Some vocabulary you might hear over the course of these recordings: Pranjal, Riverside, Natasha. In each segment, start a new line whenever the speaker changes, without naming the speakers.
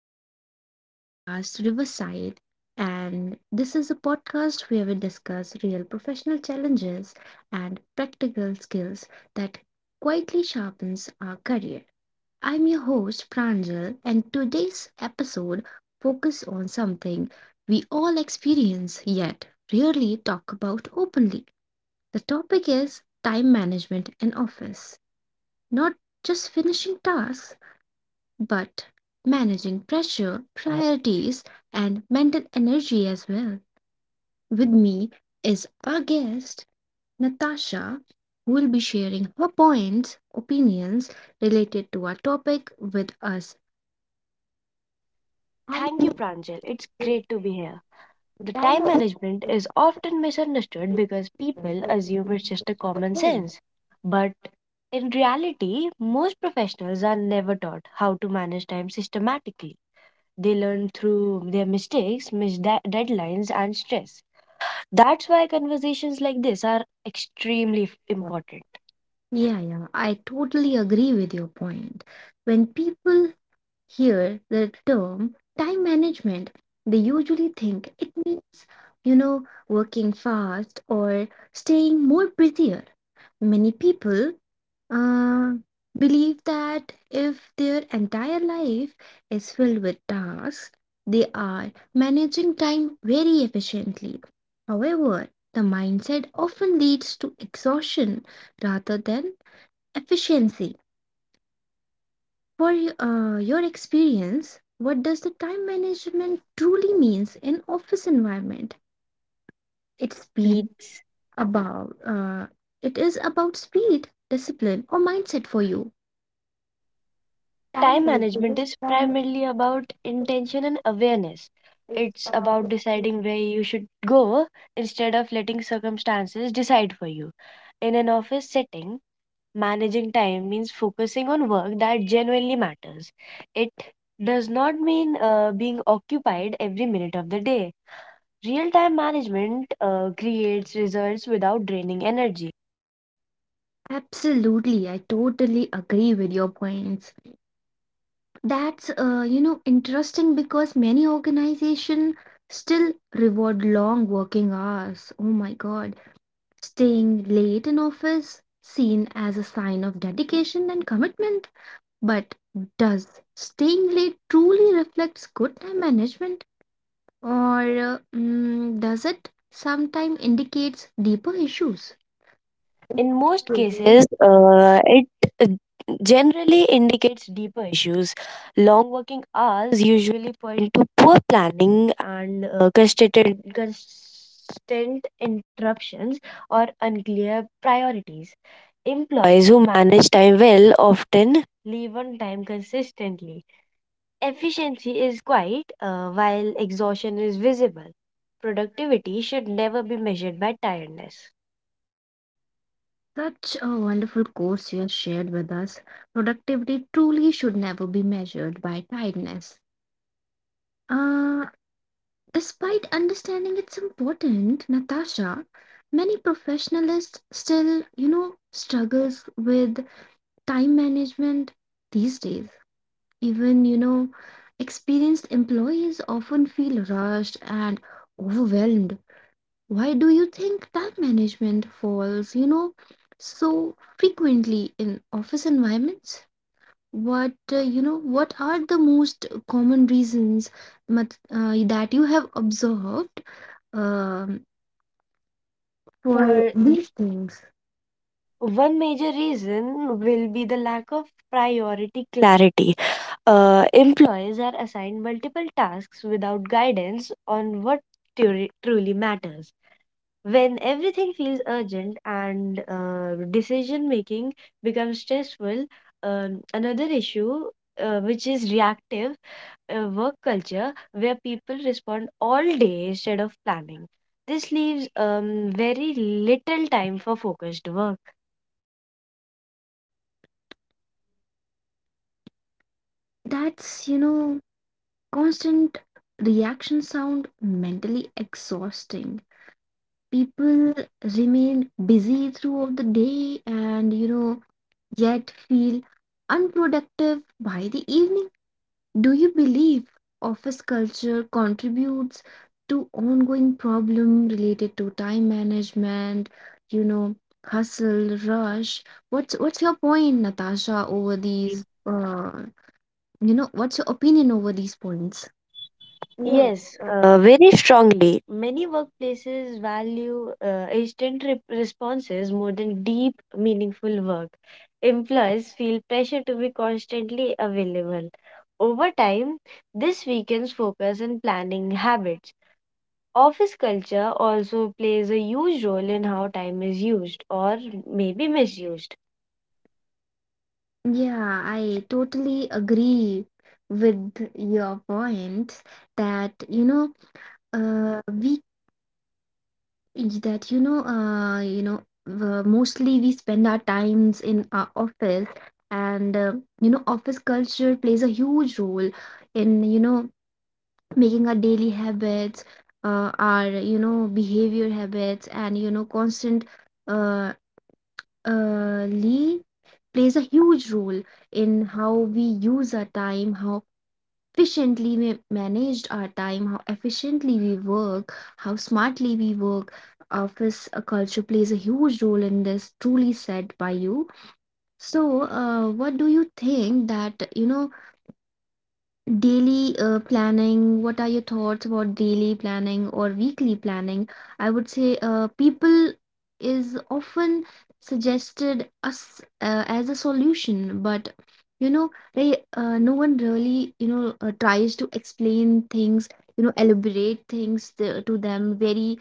back to our podcast, Riverside. And this is a podcast where we discuss real professional challenges and practical skills that quietly sharpens our career. I'm your host, Pranjal, and today's episode focus on something we all experience yet rarely talk about openly. The topic is time management and office. Not just finishing tasks, but managing pressure, priorities, and mental energy as well. With me is our guest, Natasha, who will be sharing her points, opinions related to our topic with us. Thank
Thank
you
you, Pranjal. It's
for
great to be here.
the
The time
dialogue
management
and
is often misunderstood because
participants
people
as this
assume
is
it's just a common
closed.
sense. But in reality, most professionals are never taught how to manage time systematically. They learn through their mistakes, missed deadlines, and stress. That's why conversations like this are extremely important.
Yeah, yeah, I totally agree with your point. When people hear the term time management, they usually think it means, you know, working fast or staying more busier. Many people uh, believe that if their entire life is filled with tasks, they are managing time very efficiently. However, the mindset often leads to exhaustion rather than efficiency. For your experience, what does the time management truly means in office environment?
It
It's speed
speeds
about, it is about speed, discipline, or mindset? For you, time
Time
management
management
is
is
time
primarily about intention and awareness.
it's
It's
about
about
discipline.
deciding where you should go instead of letting circumstances decide for you. In an office setting, managing time means focusing on work that genuinely matters. It does not mean being occupied every minute of the day. Real time management creates results without draining energy.
Absolutely, I totally agree with your points. That's, you know, interesting because many organization still reward long working hours. Oh my god. Staying late in office, seen as a sign of dedication and commitment, but does staying late truly reflects good time management, or does it sometimes indicates deeper issues?
In most
Mhm.
cases, it uh, generally indicates deeper issues. Long working hours usually point to poor planning and constant interruptions or unclear priorities. Employees who manage time well often leave on time consistently. Efficiency is quiet while exhaustion is visible. Productivity should never be measured by tiredness.
Such a wonderful course you have shared with us. Productivity truly should never be measured by tiredness. Uh, Despite understanding it's important, Natasha, many professionalists still, struggles with time management these days. Even, experienced employees often feel rushed and overwhelmed. Why do you think time management falls, so frequently in office environments? What what are the most common reasons that you have observed, um, for
For
these things?
One major reason will be the lack of priority clarity. Employees are assigned multiple tasks without guidance on what truly matters. When everything feels urgent and decision making becomes stressful, another issue which is reactive work culture where people respond all day instead of planning. This leaves very little time for focused work
That's, constant reaction sound mentally exhausting. People remain busy throughout the day and, yet feel unproductive by the evening. Do you believe office culture contributes to ongoing problem related to time management, you know, hustle, rush? What's your point, Natasha, over
over the
these you know, what's your opinion over these points? Yes.
Yes, very strongly. Many workplaces value instant responses more than deep, meaningful work. Employees feel pressure to be constantly available. Over time, this weakens focus and planning habits. Office culture also plays a huge role in how time is used or maybe misused.
Yeah, I totally agree with your point that, we is that, mostly we spend our times in our office, and you know, office culture plays a huge role in, making our daily habits, our, you know, behavior habits, and you know, constant uh, lee plays a huge role in how we use our time, how efficiently we managed our time, how efficiently we work, how smartly we work. Office culture plays a huge role in this, truly said by you. So, what do you think that, you know, daily planning, what are your thoughts about daily planning or weekly planning? I would say people is often suggested us as a solution, but you know, no one really, tries to explain things, you know, elaborate things to them very,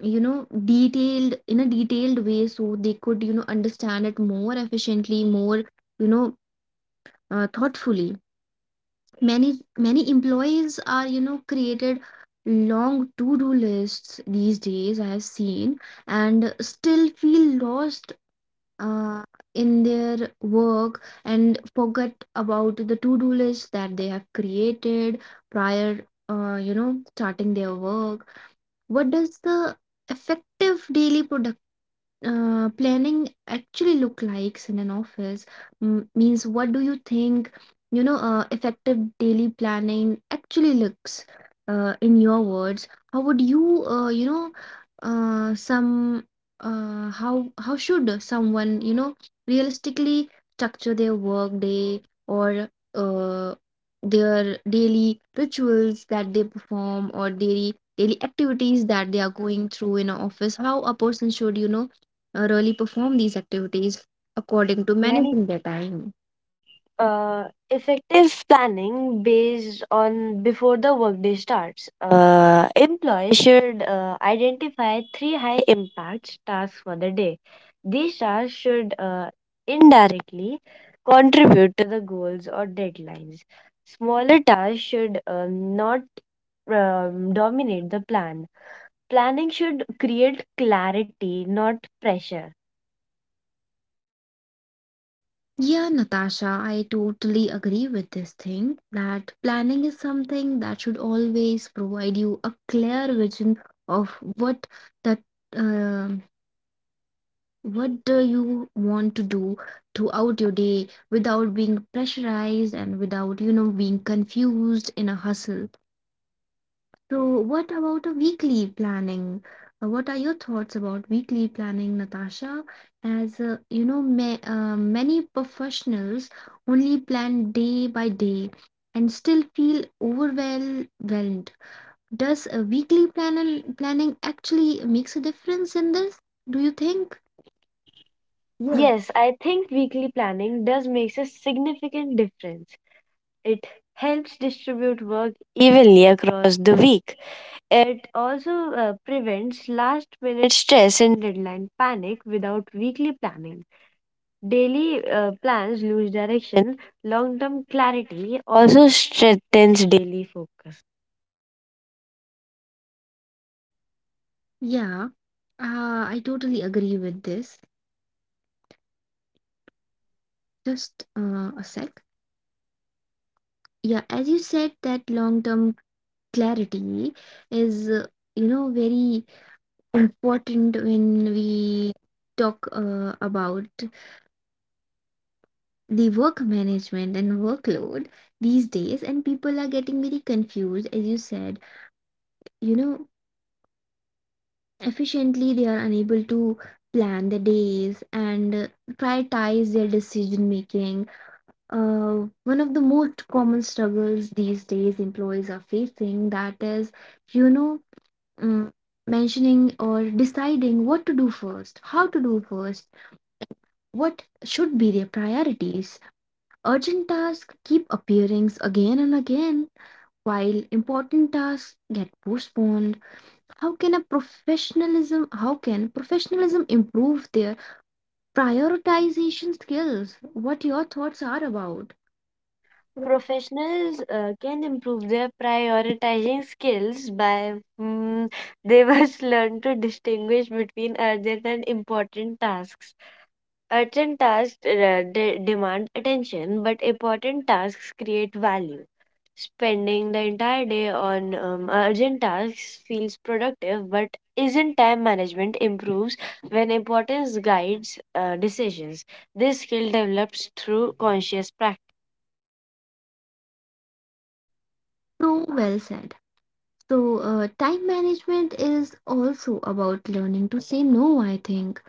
you know, detailed, in a detailed way so they could, you know, understand it more efficiently, more, you know, thoughtfully. Many employees are, you know, created long to-do lists these days, I have seen, and still feel lost uh, in their work and forget about the to-do list that they have created prior you know, starting their work. What does the effective daily planning actually look likes in an office? Means, what do you think, you know, effective daily planning actually looks in your words? How would you, you know some how should someone, you know, realistically structure their work day, or their daily rituals that they perform, or daily activities that they are going through in an office? How a person should, you know, really perform these activities according
According
to
to many
managing their time?
uh, effective planning based on before the workday starts. Employees should identify three high impact tasks for the day. These tasks should indirectly contribute to the goals or deadlines. Smaller tasks should not dominate the plan. Planning should create clarity, not pressure.
Yeah, Natasha, I totally agree with this thing that planning is something that should always provide you a clear vision of what that um what do you want to do throughout your day without being pressurized and without, you know, being confused in a hustle. So, what about a weekly planning? What are your thoughts about weekly planning, Natasha? As you know, ma many professionals only plan day by day and still feel overwhelmed. Does a weekly planning actually makes a difference in this, do you think? Yeah.
Yes, I think weekly planning does makes a significant difference. It helps distribute work evenly across the week. It also prevents last minute stress and deadline panic without weekly planning. Daily plans lose direction, long term clarity also strengthens daily focus.
Yeah, I totally agree with this. Just a sec. Yeah, as you said, that long-term clarity is, you know, very important when we talk about the work management and workload these days, and people are getting very confused. As you said, you know, efficiently they are unable to plan the days and prioritize their decision making. uh, One of the most common struggles these days employees are facing, that is, you know, mm, mentioning or deciding what to do first, how to do first, what should be their priorities. Urgent tasks keep appearing again and again, while important tasks get postponed. How can a professionalism? How can professionalism improve their prioritization skills? What your thoughts are about?
Professionals can improve their prioritizing skills by mm, they must learn to distinguish between urgent and important tasks. Urgent tasks demand attention, but important tasks create value. Spending the entire day on urgent tasks feels productive, but isn't time management improves when importance guides decisions. This skill develops through conscious practice.
So well said. So, time management is also about learning to say no, I think.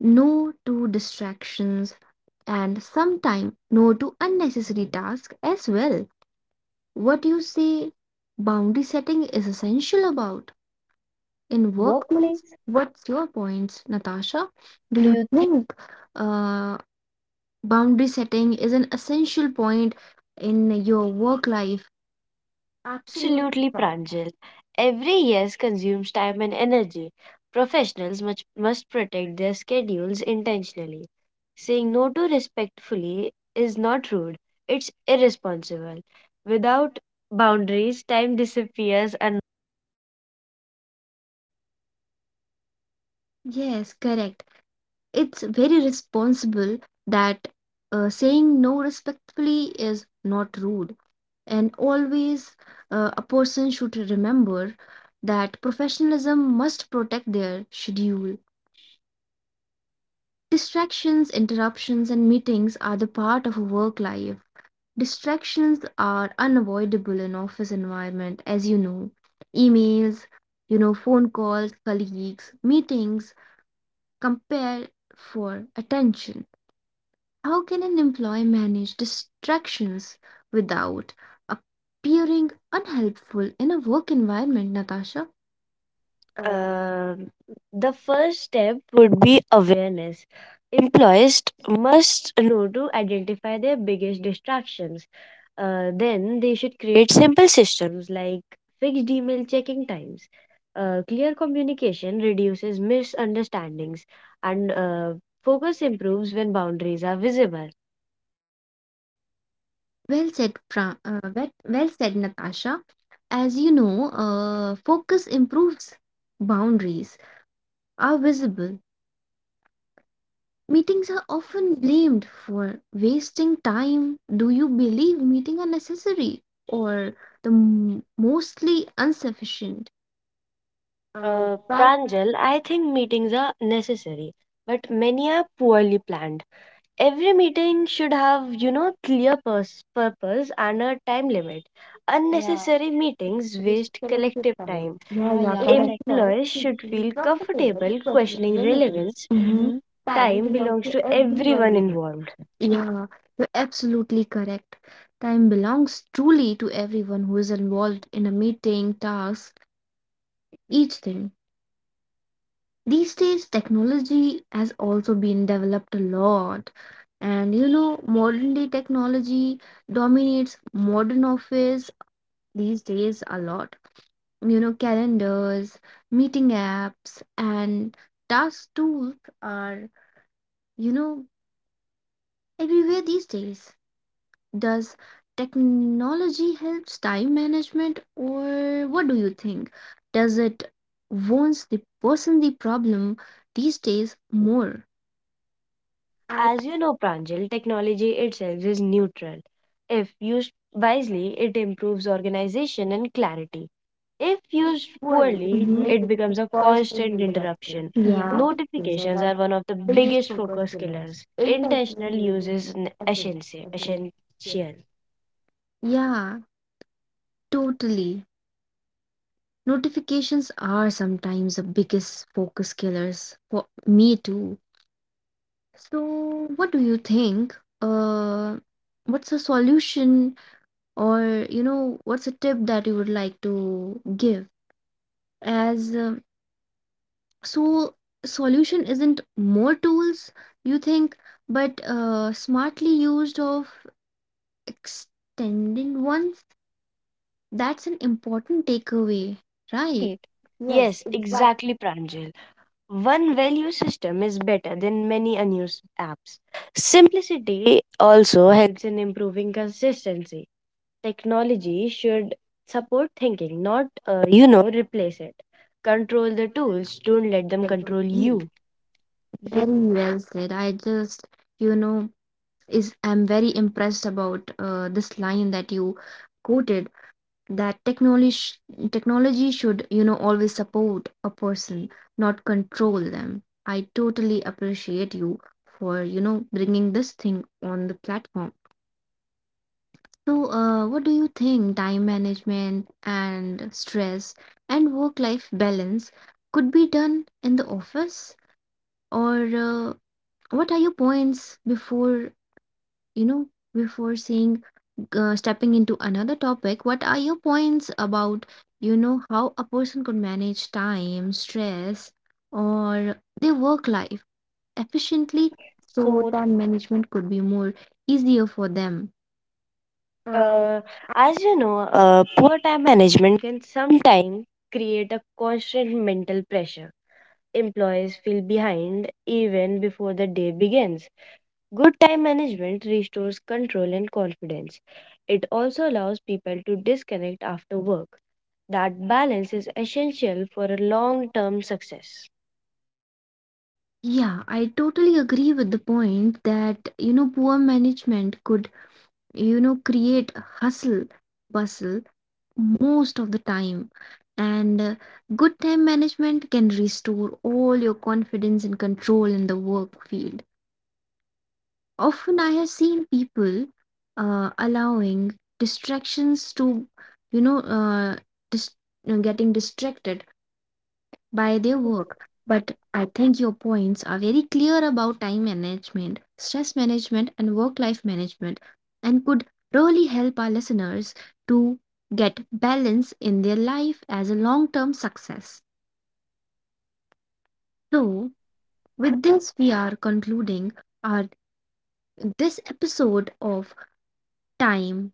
No to distractions, and sometimes no to unnecessary tasks as well. What you say, boundary setting is essential about in workplace? What's your points, Natasha? Do you think uh, boundary setting is an essential point in your work life? Absolutely,
Absolutely,
correct.
Pranjal. Every yes consumes time and energy. Professionals must protect their schedules intentionally. Saying no to respectfully is not rude, it's irresponsible. Without boundaries, time disappears.
Yes, correct. It's very responsible that saying no respectfully is not rude. And always, a person should remember that professionalism must protect their schedule. Distractions, interruptions, and meetings are the part of a work life. Distractions are unavoidable in office environment, as you know. Emails, you know, phone calls, colleagues, meetings compare for attention. How can an employee manage distractions without appearing unhelpful in a work environment, Natasha? Uh,
Um, the first step would be awareness. Employees must know to identify their biggest distractions. Then they should create simple systems like fixed email checking times. Clear communication reduces misunderstandings, and focus improves when boundaries are visible.
Well said, well said, Natasha. As you know, focus improves. Boundaries are visible. Meetings are often blamed for wasting time. Do you believe meetings are necessary, or the mostly insufficient? uh,
Pranjal, I think meetings are necessary, but many are poorly planned. Every meeting should have, you know, clear purpose and a time limit. Yeah, Unnecessary meetings
which
waste
selects your
collective
size.
time.
Yeah,
Yeah,
yeah,
yeah,
age correct.
correct.
Plus
Employees
should
should
be
feel
profitable,
comfortable
personal
questioning
relevance.
relevance.
Mm-hmm.
Mm-hmm.
Time
Time
belongs
belongs
to
to
everyone, we
everyone involved.
know. Yeah, you're absolutely correct. Time belongs truly to everyone who is involved in a meeting, task, each thing. These days, technology has also been developed a lot. And you know, modern day technology dominates modern office these days a lot. You know, calendars, meeting apps, and task tools are, you know, everywhere these days. Does technology helps time management, or what do you think, does it wounds the person the problem these days more? I
As you know, Pranjal, technology itself is neutral. If used wisely, it improves organization and clarity. If
think it's
used
poorly.
poorly,
Mhm.
mm-hmm,
It
it
becomes
becomes a
personal
constant
interruption.
interruption. Yeah.
Yeah, notifications
Notifications
are
are
the
one of the
biggest
biggest
focus
focus
killers.
killers.
Intentional
Intentional use
uses
is
essential.
essential. Essential.
Yeah. Totally. Notifications are sometimes the biggest focus killers for me too. So, what do you think? What's a solution, or you know, what's a tip that you would like to give? As So, solution isn't more tools, you think, but smartly used of extending ones. That's an important takeaway, right?
Right.
Yes,
Yes,
exactly.
exactly, Pranjal. One value system is better than many unused apps. Simplicity also helps in improving consistency. Technology should support thinking, not, replace it. Control the tools, don't let them control you.
Very well said. I just, you know, is I'm very impressed about this line that you quoted, that technology sh technology should, you know, always support a person, not control them. I totally appreciate you for, you know, bringing this thing on the platform. So, what do you think time management and stress and work-life balance could be done in the office? Or what are your points before, you know, before saying stepping into another topic, what are your points about, you know, how a person could manage time stress or their work life efficiently,
Efficiently.
so
So,
time management could be more easier for them? uh,
uh, as you know, poor time management can sometimes create a constant mental pressure. Employees feel behind even before the day begins. Good time management restores control and confidence. It also allows people to disconnect after work. That balance is essential for a long term success.
yeah, I totally agree with the point that, you know, poor management could, you know, create hustle bustle most of the time. And good time management can restore all your confidence and control in the work field. Often I have seen people allowing distractions to, you know uh, dis- getting distracted by
By
their
the way,
work. But I think your points are very clear about time management, stress management, and work life management, and could really help our listeners to get balance in their life as a long term success. So,
so,
with this, we are concluding our this episode of time,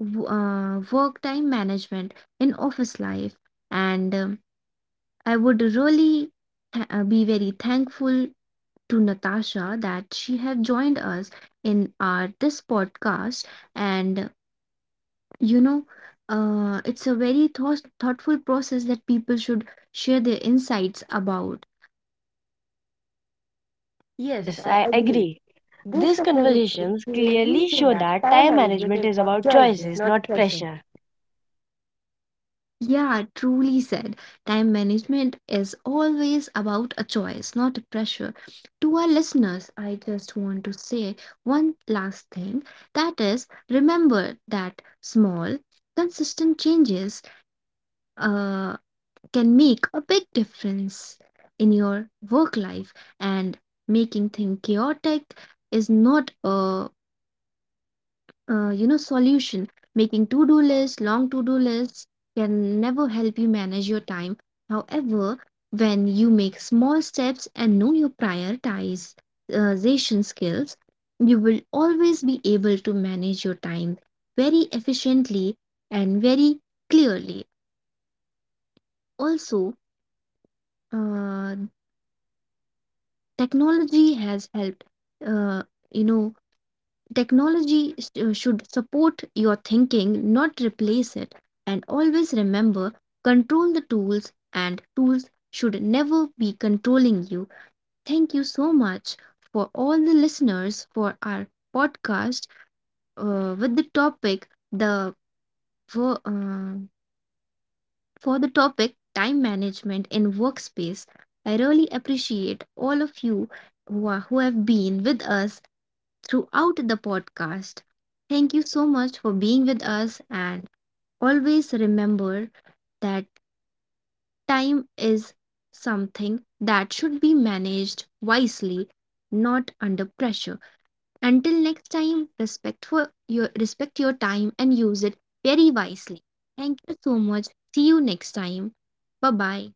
work time management in office life, and I would really be very thankful to Natasha that she had joined us in our this podcast. And you know, it's a very thoughtful process that people should share their insights about. Yes,
yes,
I
I
agree.
agree.
This
These
conversation
conversations
clearly
clearly
showed
show
that
that
time
time
management
management
is
is
about
about
choices,
choices,
not
not
pressure.
pressure.
Yeah, truly said. Time management is always about a choice, not a pressure. To our listeners, I just want to say one last thing, that is, remember that small, consistent changes uh, can make a big difference in your work life. And making things chaotic is not a, solution. Making to-do lists long to-do lists can never help you manage your time. However, when you make small steps and know your prioritization skills, you will always be able to manage your time very efficiently and very clearly. Also, uh, technology has helped, uh, you know technology should support your thinking, not replace it. And always remember, control the tools, and tools should never be controlling you. Thank you so much for all the listeners for our podcast with the topic the for, uh, for the topic time management in workspace. I really appreciate all of you who have been with us throughout the podcast. Thank you so much for being with us, and always remember that time is something that should be managed wisely, not under pressure. Until next time, respect your time and use it very wisely. Thank you so much. See you next time. Bye bye.